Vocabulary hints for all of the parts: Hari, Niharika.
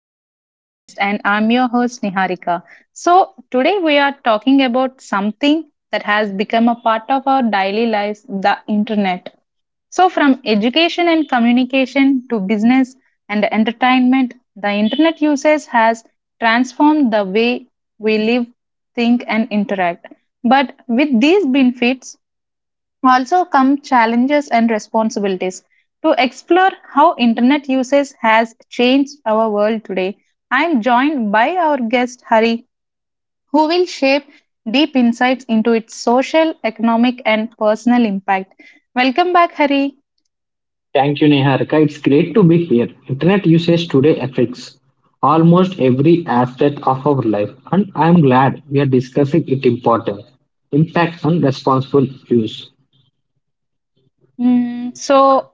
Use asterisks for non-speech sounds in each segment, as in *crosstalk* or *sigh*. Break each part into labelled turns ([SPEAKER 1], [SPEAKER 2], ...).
[SPEAKER 1] to our podcast, and I'm your host, Niharika. So, today we are talking about something that has become a part of our daily lives, the internet. So, from education and communication to business and entertainment, the internet usage has transformed the way we live, think, and interact. But with these benefits, also come challenges and responsibilities. To explore how internet usage has changed our world today, I am joined by our guest Hari, who will shape deep insights into its social, economic, and personal impact. Welcome back, Hari.
[SPEAKER 2] Thank you, Neharika. It's great to be here. Internet usage today affects almost every aspect of our life, and I'm glad we are discussing its importance, impact, and responsible use.
[SPEAKER 1] Mm, so,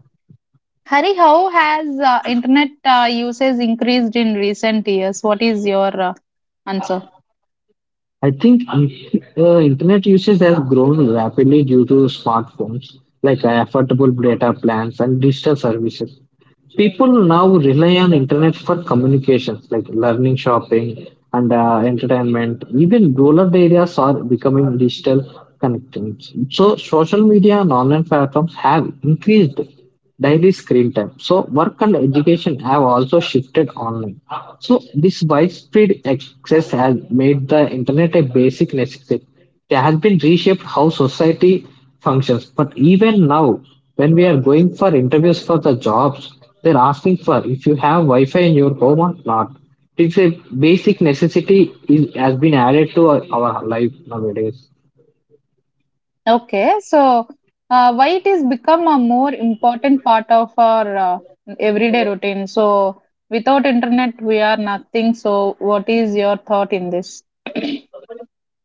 [SPEAKER 1] Hari, how has internet usage increased in recent years? What is your answer?
[SPEAKER 2] I think in- Internet usage has grown rapidly due to smartphones, like affordable data plans and digital services. People now rely on internet for communications, like learning, shopping, and entertainment. Even rural areas are becoming digital connections. So social media and online platforms have increased daily screen time. So work and education have also shifted online. So this widespread access has made the internet a basic necessity. It has been reshaped how society functions. But even now, when we are going for interviews for the jobs, they're asking for if you have Wi-Fi in your home or not. It's a basic necessity is, has been added to our life nowadays.
[SPEAKER 1] Okay, so why it is become a more important part of our everyday routine? So without internet, we are nothing. So what is your thought in this?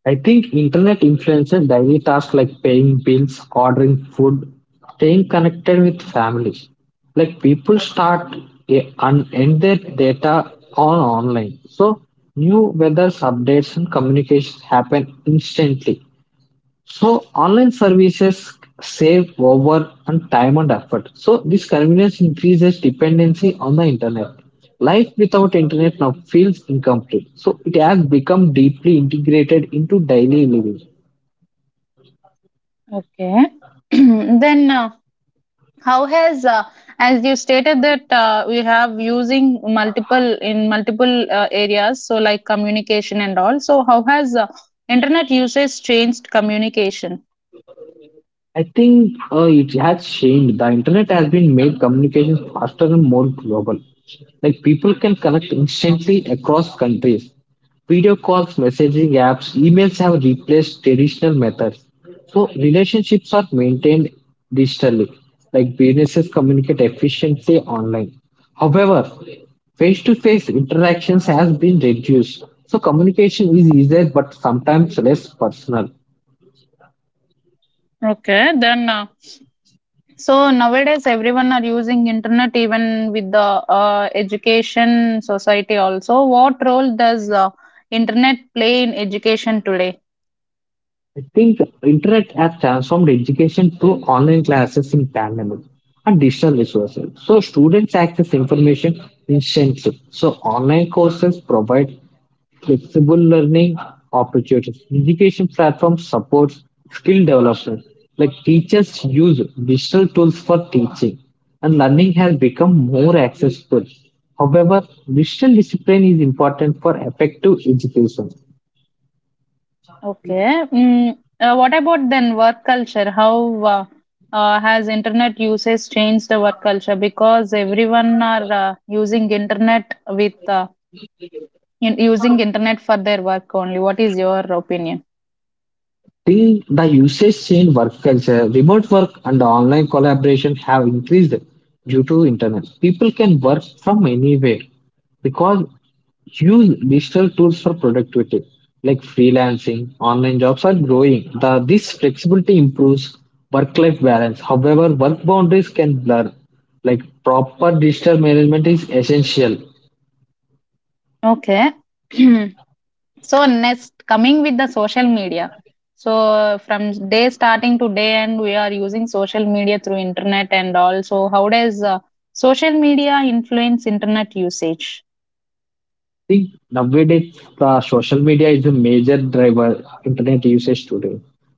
[SPEAKER 2] I think internet influences daily tasks like paying bills, ordering food, staying connected with families. Like people start and end their data on online. So new weather updates and communications happen instantly. So online services save over and time and effort. So this convenience increases dependency on the internet. Life without internet now feels incomplete. So it has become deeply integrated into daily living.
[SPEAKER 1] Okay, *clears throat* then how has as you stated that we have using multiple areas, so like communication and all. So how has internet usage changed communication?
[SPEAKER 2] I think It has changed. The internet has been made communication faster and more global. Like people can connect instantly across countries. Video calls, messaging apps, emails have replaced traditional methods. So relationships are maintained digitally. Like businesses communicate efficiently online. However, face-to-face interactions has been reduced. So communication is easier but sometimes less personal.
[SPEAKER 1] Okay, then. So nowadays, everyone are using internet, even with the education society also. What role does internet play in education today?
[SPEAKER 2] I think internet has transformed education through online classes in pandemic and digital resources. So students access information instantly. So online courses provide flexible learning opportunities. Education platforms supports skill development. Like teachers use digital tools for teaching and learning has become more accessible. However, digital discipline is important for effective education.
[SPEAKER 1] Okay. What about then work culture? How has internet usage changed the work culture? Because everyone are using internet using internet for their work only. What is your opinion?
[SPEAKER 2] Still, the usage in work culture, remote work, and online collaboration have increased due to internet. People can work from anywhere because use digital tools for productivity, like freelancing online jobs are growing the, this flexibility improves work-life balance. However, work boundaries can blur, like proper digital management is essential.
[SPEAKER 1] Okay. *clears throat* So next, coming with the social media. So from day starting to day end, we are using social media through internet and all. So how does social media influence internet usage?
[SPEAKER 2] Think nowadays social media is a major driver internet usage today.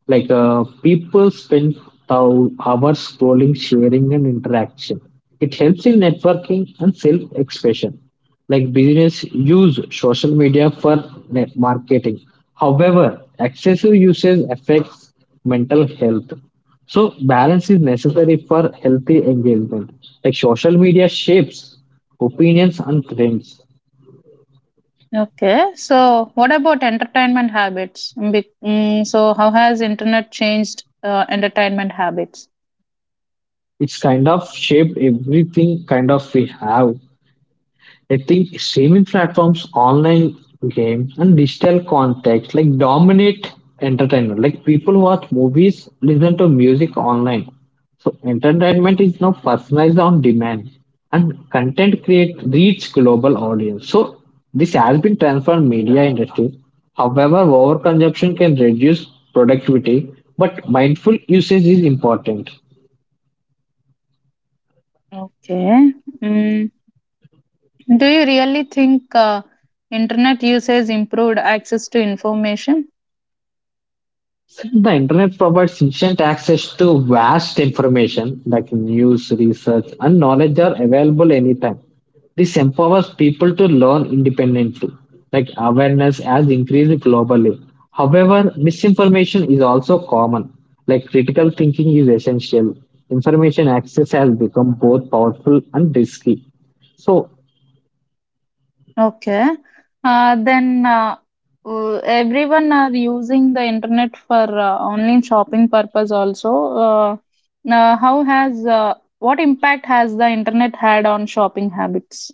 [SPEAKER 2] Like people spend hours scrolling, sharing, and interaction. It helps in networking and self-expression. Like business use social media for net marketing. However, excessive usage affects mental health. So balance is necessary for healthy engagement. Like social media shapes opinions and trends.
[SPEAKER 1] Okay, so what about entertainment habits? So how has internet changed entertainment habits?
[SPEAKER 2] It's kind of shaped everything kind of we have. I think streaming platforms, online games, and digital context like dominate entertainment. Like people watch movies, listen to music online. So entertainment is now personalized on demand, and content create reach global audience. So this has been transformed media industry. However, overconsumption can reduce productivity, but mindful usage is important.
[SPEAKER 1] Okay. Mm, do you really think internet usage improved access to information?
[SPEAKER 2] The internet provides instant access to vast information like news, research, and knowledge are available anytime. This empowers people to learn independently, like awareness has increased globally. However, misinformation is also common, like critical thinking is essential. Information access has become both powerful and risky. So,
[SPEAKER 1] Okay. Then Everyone are using the internet for online shopping purpose also. Uh, how has What impact has the internet had on shopping habits?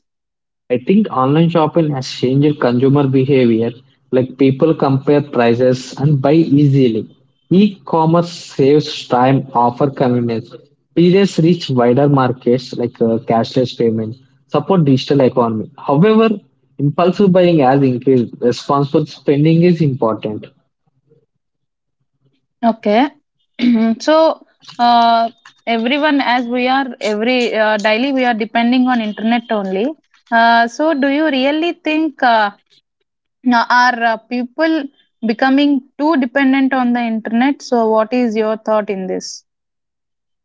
[SPEAKER 2] I think online shopping has changed consumer behavior, like people compare prices and buy easily. E-commerce saves time, offer convenience. Periods reach wider markets like cashless payment, support digital economy. However, impulsive buying has increased. Responsible spending is important.
[SPEAKER 1] Okay. *clears throat* So uh, everyone as we are every daily we are depending on internet only. So do you really think are people becoming too dependent on the internet? So what is your thought in this?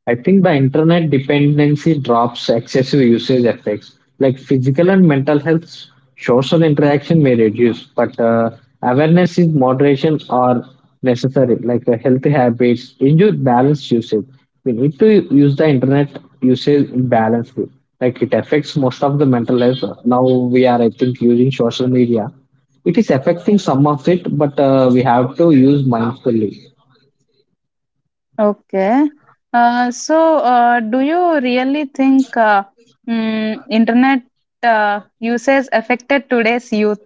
[SPEAKER 2] I think the internet dependency drops excessive usage effects. Like physical and mental health, social interaction may reduce, but awareness is moderation are necessary. Like healthy habits, injure balanced usage. We need to use the internet usage in balance way. Like it affects most of the mental health. Now we are, I think, using social media. It is affecting some of it, but we have to use mindfully.
[SPEAKER 1] Okay. Do you really think internet usage affected today's youth?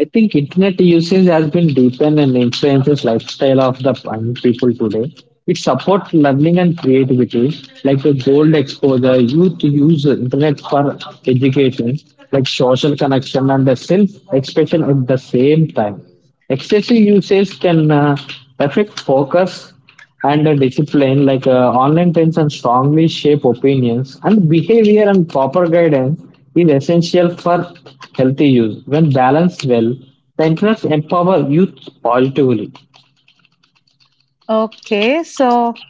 [SPEAKER 2] I think internet usage has been deepened and influences lifestyle of the young people today. It supports learning and creativity, like the gold exposure. Youth use internet for education, like social connection and the self-expression at the same time. Excessive usage can affect focus and the discipline, like online tension strongly shape opinions and behavior, and proper guidance is essential for healthy use. When balanced well, the internet empower youth positively.
[SPEAKER 1] Okay. So,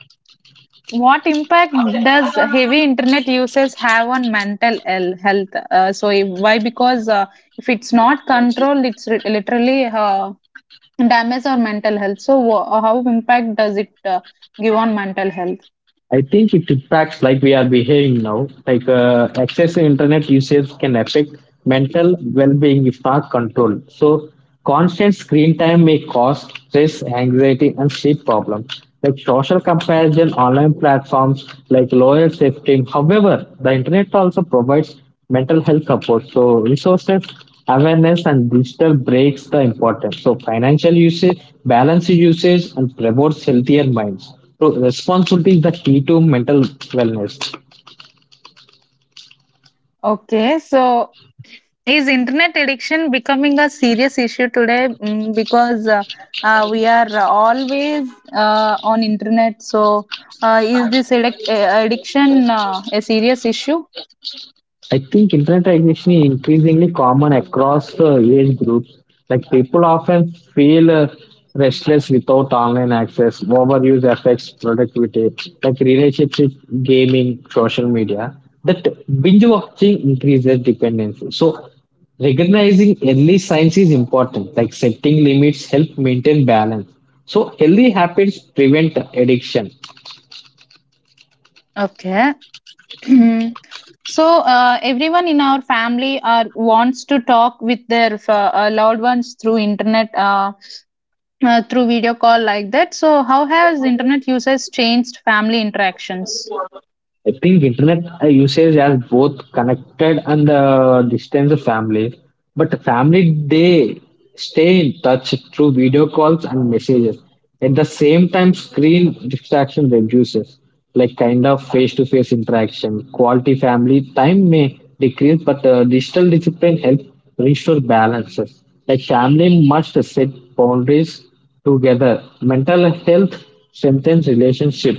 [SPEAKER 1] what impact does heavy internet usage have on mental health? Why? Because if it's not controlled, literally damage our mental health. So, how impact does it give on mental health?
[SPEAKER 2] I think it impacts like we are behaving now. Like excessive internet usage can affect mental well-being if not controlled. So constant screen time may cause stress, anxiety, and sleep problems. Like social comparison, online platforms, like lower safety. However, the internet also provides mental health support. So resources awareness and digital breaks the importance. So financial usage, balanced usage, and promotes healthier minds. So responsibility is the key to mental wellness.
[SPEAKER 1] Okay. So, is internet addiction becoming a serious issue today? Mm, because We are always on internet. So, is this addiction a serious issue?
[SPEAKER 2] I think internet addiction is increasingly common across age groups. Like people often feel restless without online access. Overuse affects productivity, like relationships, with gaming, social media. That binge watching increases dependency. So recognizing early signs is important. Like setting limits help maintain balance. So healthy habits prevent addiction.
[SPEAKER 1] Okay. *clears throat* So everyone in our family are wants to talk with their loved ones through internet, through video call like that. So, how has internet usage changed family interactions?
[SPEAKER 2] I think internet usage has both connected and distance the family. But the family, they stay in touch through video calls and messages. At the same time, screen distraction reduces, like kind of face-to-face interaction. Quality family time may decrease, but digital discipline helps restore balances. Like family must set boundaries together. Mental health strengthens relationship.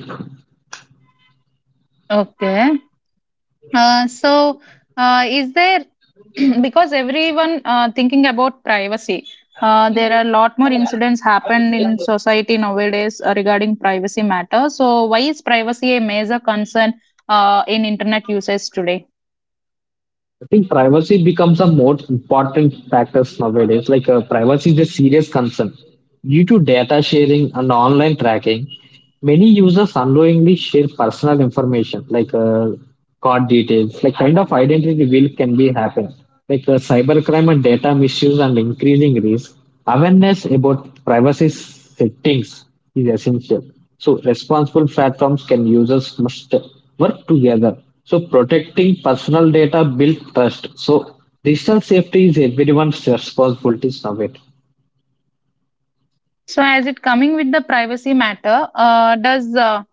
[SPEAKER 1] Okay. Uh, so, is there *clears throat* because everyone thinking about privacy, there are a lot more incidents happened in society nowadays regarding privacy matter. So, why is privacy a major concern in internet usage today?
[SPEAKER 2] I think privacy becomes a more important factor nowadays. Like privacy is a serious concern due to data sharing and online tracking. Many users unknowingly share personal information like card details, like kind of identity reveal can be happen, like cybercrime and data misuse and increasing risk. Awareness about privacy settings is essential. So responsible platforms can users must work together. So protecting personal data build trust. So digital safety is everyone's responsibility nowadays.
[SPEAKER 1] So, as it coming with the privacy matter, does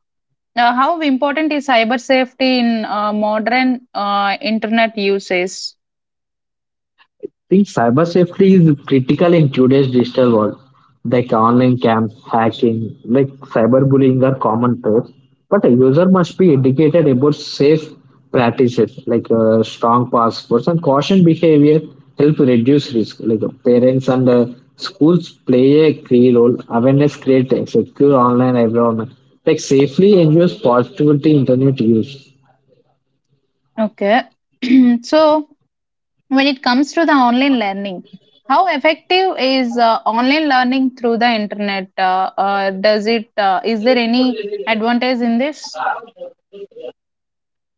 [SPEAKER 1] how important is cyber safety in modern internet usage?
[SPEAKER 2] I think cyber safety is critical in today's digital world. Like online camps, hacking, like cyberbullying are common threats. But a user must be educated about safe practices, like strong passwords and caution behavior help reduce risk. Like parents and schools play a key role. Awareness creates a secure online environment. Like safely ensures positivity internet use.
[SPEAKER 1] Okay, *clears throat* so. When it comes to the online learning, how effective is online learning through the internet? Does it is there any advantage in this?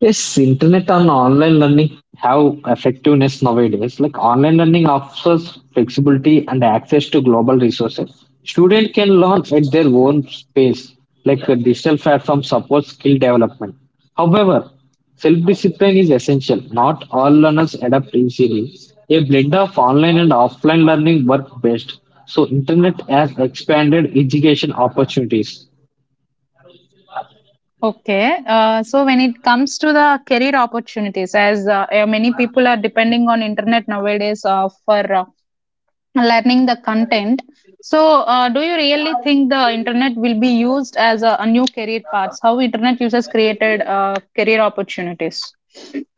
[SPEAKER 2] Yes, internet and online learning have effectiveness nowadays. Like online learning offers flexibility and access to global resources. Students can learn at their own pace, like a digital platform supports skill development. However, self-discipline is essential. Not all learners adapt easily. A blend of online and offline learning work best. So internet has expanded education opportunities.
[SPEAKER 1] Okay, so when it comes to the career opportunities, as many people are depending on internet nowadays for learning the content. So, do you really think the internet will be used as a new career paths? How internet users created career opportunities?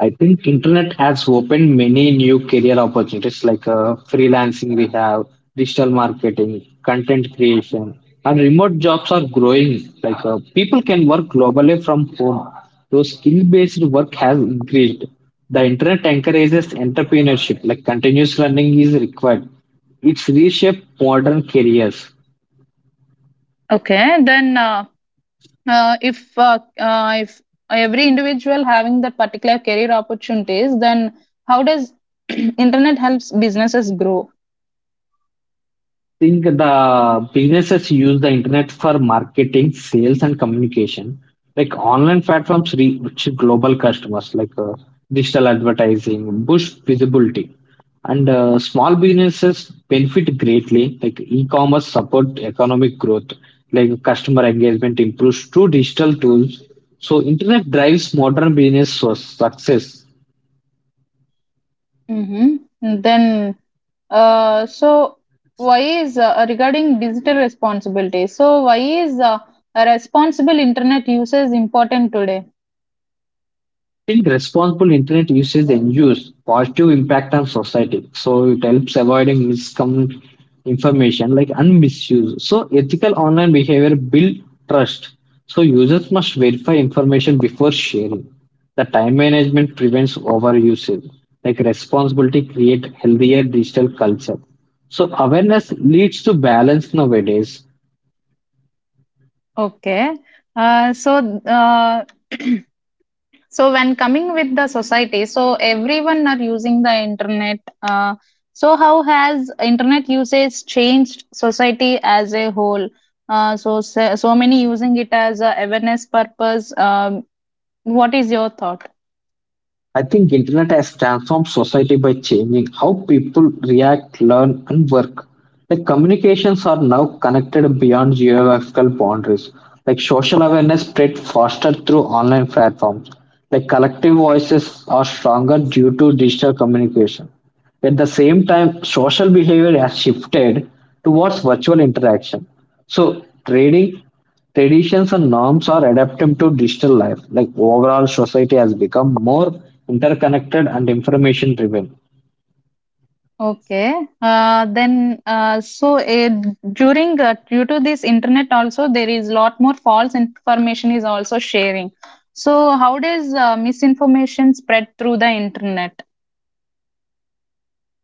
[SPEAKER 2] I think internet has opened many new career opportunities like freelancing we have, digital marketing, content creation, and remote jobs are growing. Like people can work globally from home. So skill-based work has increased. The internet encourages entrepreneurship, like continuous learning is required. It's reshaped modern careers.
[SPEAKER 1] Okay, then. If every individual having that particular career opportunities, then how does *clears throat* internet helps businesses grow?
[SPEAKER 2] Think the businesses use the internet for marketing, sales, and communication. Like online platforms reach global customers, like digital advertising, boost visibility, and small businesses benefit greatly. Like e-commerce support economic growth, like customer engagement improves through digital tools. So internet drives modern business success.
[SPEAKER 1] Mm-hmm. then so Why is regarding digital responsibility, so why is a responsible internet usage important today?
[SPEAKER 2] I think responsible internet usage ensures positive impact on society. So it helps avoiding misinformation like and misuse. So ethical online behavior build trust. So users must verify information before sharing. The time management prevents overusage. Like responsibility create healthier digital culture. So awareness leads to balance nowadays.
[SPEAKER 1] Okay. uh, so uh, *clears throat* So when coming with the society, so everyone are using the internet. So how has internet usage changed society as a whole? So so so many using it as a awareness purpose. What is your thought?
[SPEAKER 2] I think internet has transformed society by changing how people react, learn and work. Like communications are now connected beyond geographical boundaries. Like social awareness spread faster through online platforms. Like collective voices are stronger due to digital communication. At the same time, social behavior has shifted towards virtual interaction. So, trading traditions and norms are adapting to digital life. Like overall, society has become more interconnected and information driven.
[SPEAKER 1] Okay. Then so During due to this internet also there is lot more false information is also sharing. So how does misinformation spread through the internet?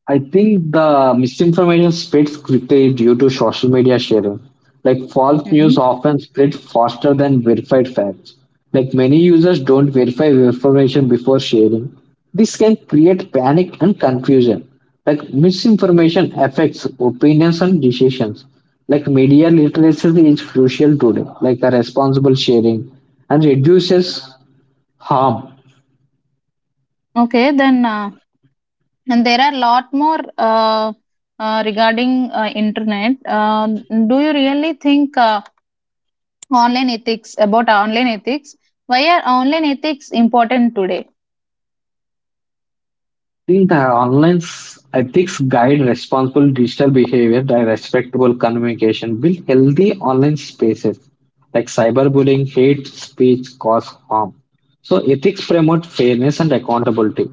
[SPEAKER 2] I think the misinformation spreads quickly due to social media sharing. Like false
[SPEAKER 1] hmm
[SPEAKER 2] news often spread faster than verified facts. Like many users don't verify information before sharing. This can create panic and confusion. Like misinformation affects opinions and decisions. Like media literacy is crucial today, like a responsible sharing and reduces harm.
[SPEAKER 1] Okay, then. And there are lot more regarding internet. Do you really think online ethics? Why are online ethics important today?
[SPEAKER 2] Think the online ethics guide responsible digital behavior. The respectable communication build healthy online spaces, like cyberbullying hate speech cause harm. So ethics promote fairness and accountability.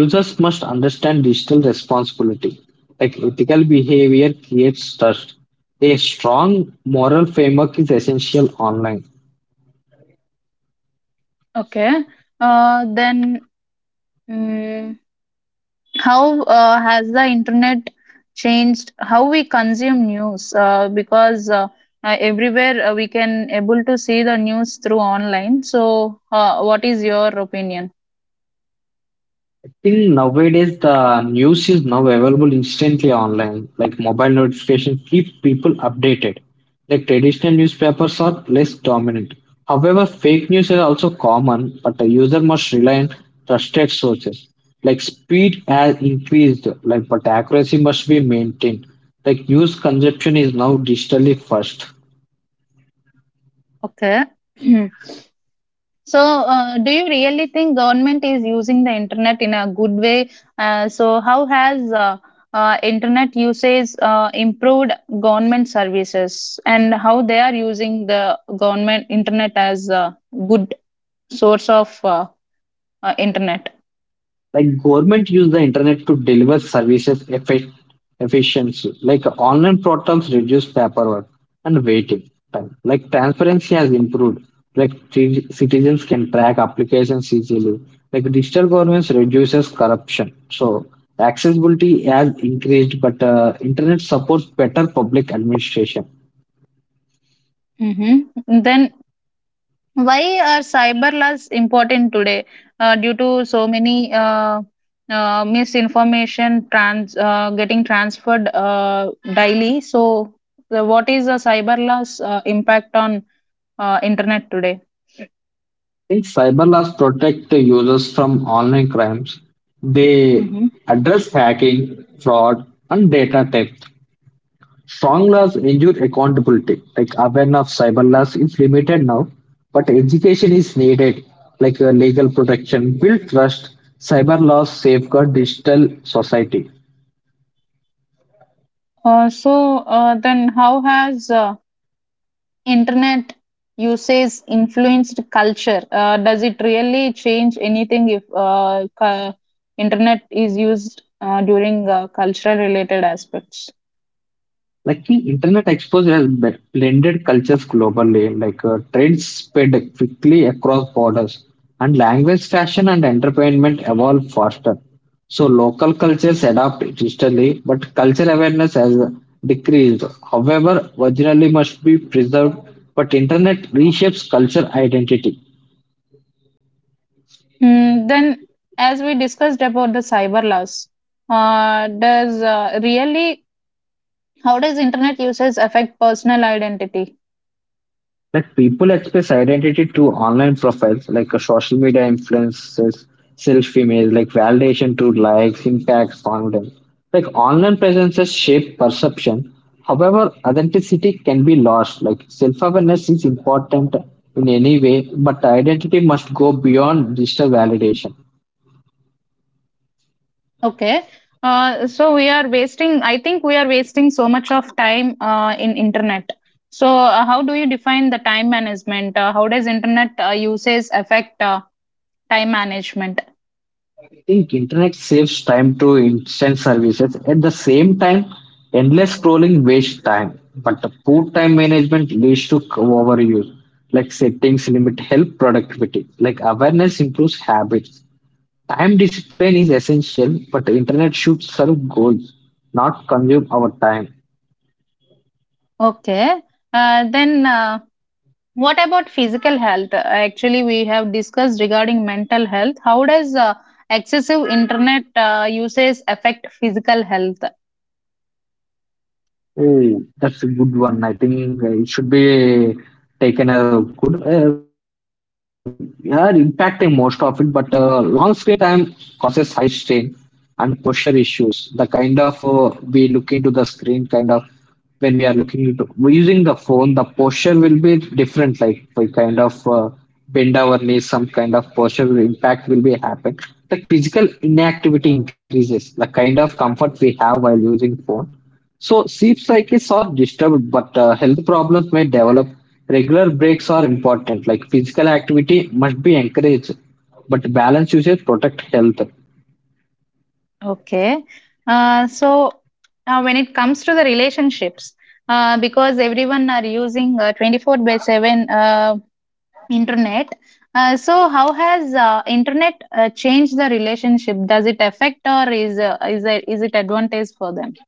[SPEAKER 2] Users must understand digital responsibility, like ethical behavior creates trust. A strong moral framework is essential online.
[SPEAKER 1] Okay. Uh, then mm, how has the internet changed how we consume news? Because Everywhere we can able to see the news through online. So, what is your opinion?
[SPEAKER 2] I think nowadays the news is now available instantly online. Like mobile notifications keep people updated. Like traditional newspapers are less dominant. However, fake news is also common, but the user must rely on trusted sources. Like speed has increased, like but accuracy must be maintained. Like news consumption is now digitally first.
[SPEAKER 1] Okay. *clears throat* So, do you really think government is using the internet in a good way? So, how has Internet usage improved government services, and how they are using the government internet as a good source of internet?
[SPEAKER 2] Like government use the internet to deliver efficiency, like online portals reduce paperwork and waiting time. Like transparency has improved, like citizens can track applications easily, like digital governance reduces corruption. So accessibility has increased, but internet supports better public administration.
[SPEAKER 1] hmm Then, why are cyber laws important today? Due to so many misinformation trans getting transferred daily. So, what is the cyber laws impact on internet today?
[SPEAKER 2] I think cyber laws protect the users from online crimes. They
[SPEAKER 1] hmm
[SPEAKER 2] address hacking, fraud, and data theft. Strong laws ensure accountability, like awareness of cyber laws is limited now, but education is needed, like legal protection, build trust, cyber laws safeguard digital society.
[SPEAKER 1] Uh, so how has internet usage influenced culture? Does it really change anything if internet is used during cultural related aspects?
[SPEAKER 2] Like the internet exposure has blended cultures globally, like trends spread quickly across borders, and language, fashion, and entertainment evolve faster. So local cultures adapt digitally, but culture awareness has decreased. However, originally must be preserved, but internet reshapes culture identity.
[SPEAKER 1] Then, as we discussed about the cyber loss, does really how does internet usage affect personal identity?
[SPEAKER 2] Like people express identity through online profiles, like social media influences, self-image, like validation through likes, impacts, confidence. Like online presences shape perception. However, authenticity can be lost. Like self-awareness is important in any way, but identity must go beyond digital validation.
[SPEAKER 1] Okay, so we are wasting. I think we are wasting so much of time in internet. So, how do you define the time management? How does internet usage affect time management?
[SPEAKER 2] I think internet saves time to instant services. At the same time, endless scrolling wastes time. But the poor time management leads to overuse. Like settings limit help productivity. Like awareness improves habits. Time discipline is essential, but the internet should serve goals, not consume our time.
[SPEAKER 1] Okay, then. What about physical health? Actually, we have discussed regarding mental health. How does excessive internet usage affect physical health?
[SPEAKER 2] Oh, that's a good one. I think it should be taken as a good. Yeah, impacting most of it, but long screen time causes high strain and posture issues. The kind of we look into the screen, kind of when we are looking into we're using the phone, the posture will be different. Like we kind of bend our knees, some kind of impact will be happen. The physical inactivity increases. The kind of comfort we have while using phone, so sleep cycles are disturbed, but health problems may develop. Regular breaks are important, like physical activity must be encouraged, but balance uses protect health.
[SPEAKER 1] Okay. Uh, so, when it comes to the relationships, because everyone are using 24 by 7 internet, so how has internet changed the relationship? Does it affect or is it advantage for them?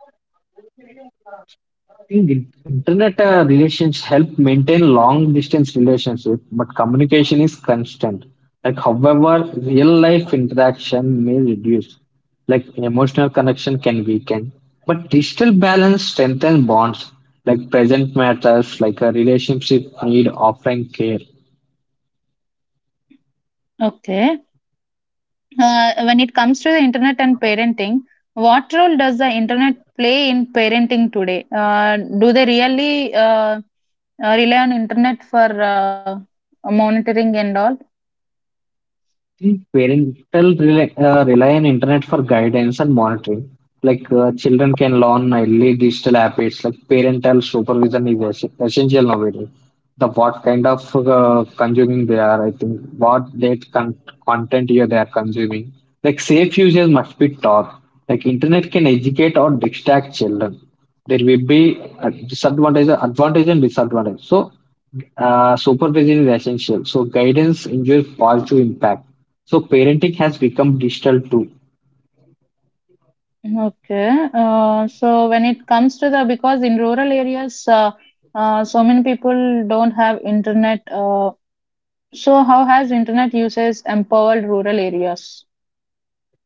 [SPEAKER 2] Think internet relations help maintain long distance relationship, but communication is constant. Like however, real life interaction may reduce, like emotional connection can weaken, but digital balance strengthens bonds. Like present matters, like a relationship need offering care.
[SPEAKER 1] Okay. When it comes to the internet and parenting, what role does the internet play in parenting today? Do they really rely on internet for monitoring and all?
[SPEAKER 2] Think parental rely on internet for guidance and monitoring. Like children can learn early digital habits. Like parental supervision is essential nowadays. The what kind of consuming they are, I think, content here they are consuming. Like safe usage must be taught. Like internet can educate or distract children. There will be a disadvantage, advantage and disadvantage. So supervision is essential. So guidance ensures positive impact. So parenting has become digital too.
[SPEAKER 1] Okay. So when it comes to the because in rural areas, so many people don't have internet. So how has internet usage empowered rural areas?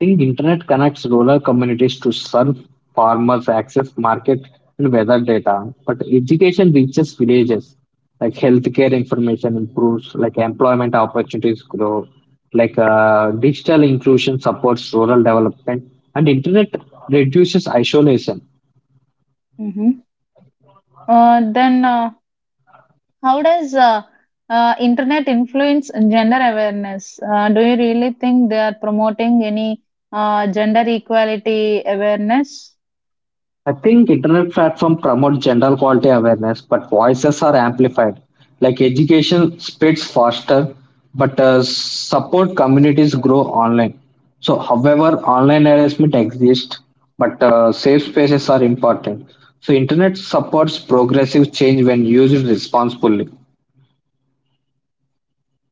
[SPEAKER 2] Think internet connects rural communities to serve farmers, access market and weather data. But education reaches villages. Like healthcare information improves, like employment opportunities grow, like digital inclusion supports rural development, and internet reduces isolation.
[SPEAKER 1] Hmm then. How does internet influence gender awareness? Do you really think they are promoting any gender equality awareness?
[SPEAKER 2] I think internet platform promote general quality awareness, but voices are amplified. Like education spreads faster, but support communities grow online. So, however, online harassment exists, but safe spaces are important. So, internet supports progressive change when used responsibly.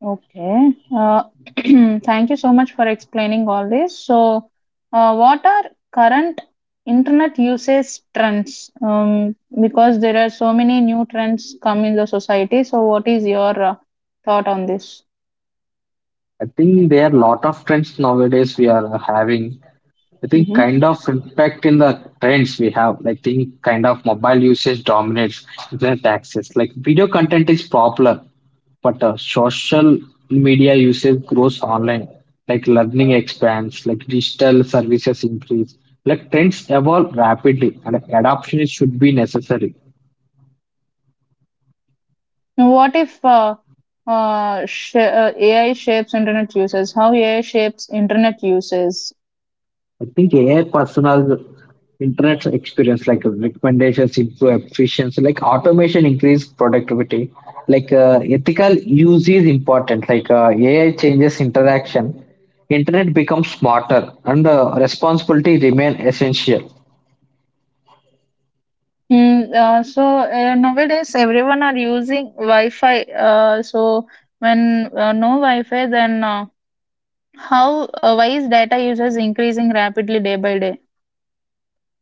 [SPEAKER 1] Okay. *clears throat* Thank you so much for explaining all this. So, what are current internet usage trends? Because there are so many new trends come in the society. So, what is your thought on this?
[SPEAKER 2] I think there are lot of trends nowadays we are having. I think
[SPEAKER 1] Mm-hmm.
[SPEAKER 2] kind of impact in the trends we have. Like think kind of mobile usage dominates internet access. Like video content is popular, but social media usage grows online. Like learning expands, like digital services increase. Like trends evolve rapidly, and adoption should be necessary.
[SPEAKER 1] Now, what if AI shapes internet uses? How AI shapes internet uses?
[SPEAKER 2] I think AI personal internet experience like recommendations improve efficiency, like automation increase productivity. Like ethical use is important. Like AI changes interaction, internet becomes smarter, and responsibility remain essential.
[SPEAKER 1] Nowadays everyone are using Wi-Fi. So when no Wi-Fi, then how why is data usage increasing rapidly day by day?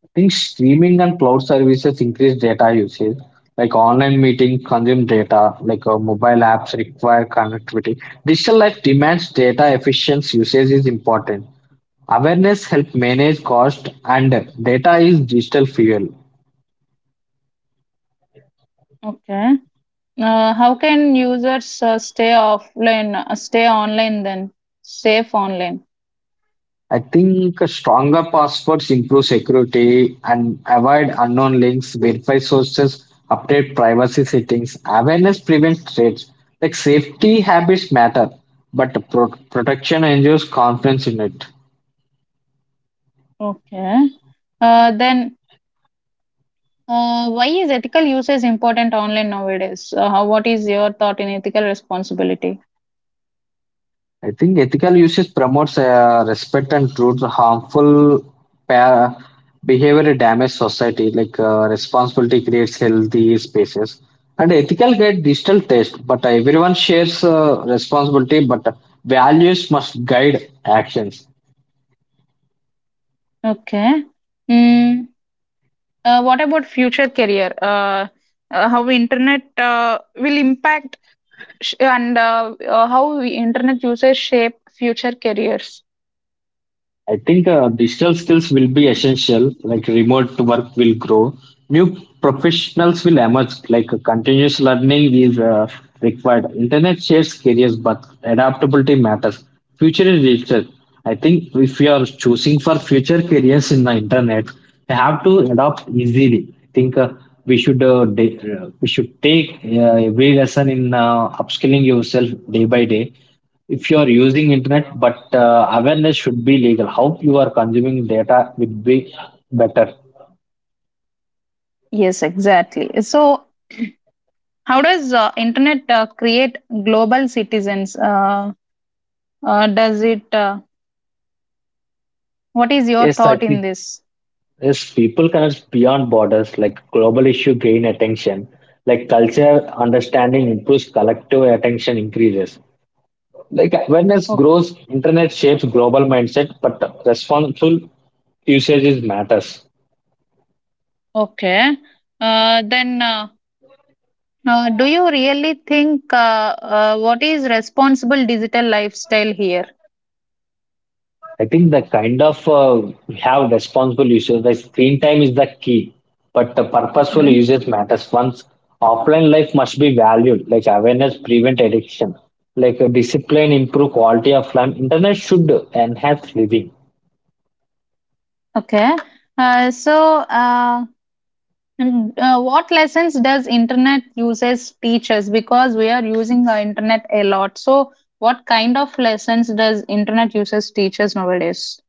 [SPEAKER 2] I think streaming and cloud services increase data usage. Like online meetings consume data, like mobile apps require connectivity. Digital life demands data efficient usage is important. Awareness help manage cost and data is digital fuel.
[SPEAKER 1] Okay. How can users stay online, then, safe online?
[SPEAKER 2] I think a stronger passwords improve security and avoid unknown links, verify sources, update privacy settings. Awareness prevents threats. Like safety habits matter, but the protection ensures confidence in it.
[SPEAKER 1] Okay. Then Why is ethical usage important online nowadays? How, what is your thought in ethical responsibility?
[SPEAKER 2] I think ethical usage promotes respect and truth. Harmful pa- behavior damage society. Like responsibility creates healthy spaces. And ethical guide digital taste. But everyone shares responsibility. But values must guide actions.
[SPEAKER 1] Okay. Mm, what about future career? How internet will impact internet usage shape future careers?
[SPEAKER 2] I think digital skills will be essential, like remote work will grow. New professionals will emerge, like continuous learning is required. Internet shapes careers, but adaptability matters. Future is digital. I think if you are choosing for future careers in the internet, you have to adapt easily. I think we should we should take every lesson in upskilling yourself day by day if you are using internet, but awareness should be legal, how you are consuming data would be better.
[SPEAKER 1] Yes, exactly. So, how does internet create global citizens? Does it? What is your
[SPEAKER 2] Yes, I
[SPEAKER 1] thought in
[SPEAKER 2] think
[SPEAKER 1] this?
[SPEAKER 2] yes, people connect beyond borders, like global issue gain attention, like culture understanding improves, collective attention increases, like awareness
[SPEAKER 1] O-
[SPEAKER 2] grows, internet shapes global mindset, but responsible usage is matters.
[SPEAKER 1] Okay. Then. Do you really think what is responsible digital lifestyle here?
[SPEAKER 2] I think the kind of we have responsible users, the screen time is the key, but the purposeful
[SPEAKER 1] hmm
[SPEAKER 2] usage matters. Once offline life must be valued, like awareness prevent addiction, like discipline improve quality of life. Internet should enhance living.
[SPEAKER 1] Okay. Uh, so, uh, what lessons does internet uses teach us? Because we are using the internet a lot. So, what kind of lessons does internet uses teach us nowadays?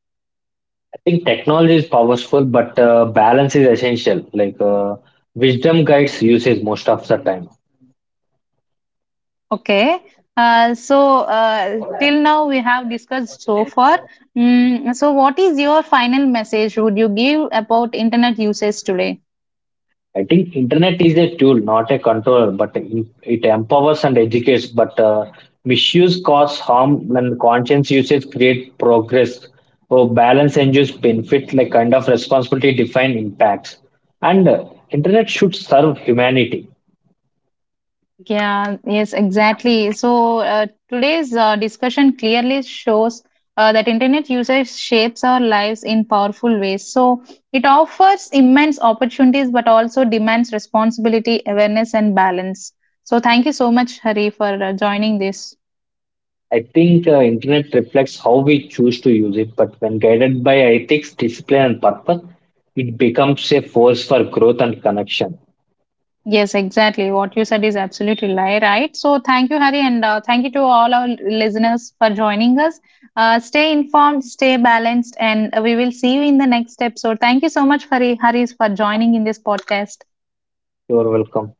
[SPEAKER 2] I think technology is powerful, but balance is essential. Like wisdom guides usage most of the time.
[SPEAKER 1] Okay. Till now we have discussed so far. So, what is your final message would you give about internet usage today?
[SPEAKER 2] I think internet is a tool, not a controller, but it empowers and educates. But misuse cause harm, and conscious usage create progress. So balance ensures benefit, like kind of responsibility define impacts. And internet should serve humanity.
[SPEAKER 1] Yeah, yes, exactly. So today's discussion clearly shows that internet usage shapes our lives in powerful ways. So it offers immense opportunities, but also demands responsibility, awareness, and balance. So thank you so much, Hari, for joining this.
[SPEAKER 2] I think internet reflects how we choose to use it, but when guided by ethics, discipline, and purpose, it becomes a force for growth and connection.
[SPEAKER 1] Yes, exactly. What you said is absolutely right. So, thank you, Hari, and thank you to all our listeners for joining us. Stay informed, stay balanced, and we will see you in the next episode. Thank you so much, Hari, for joining in this podcast.
[SPEAKER 2] You are welcome.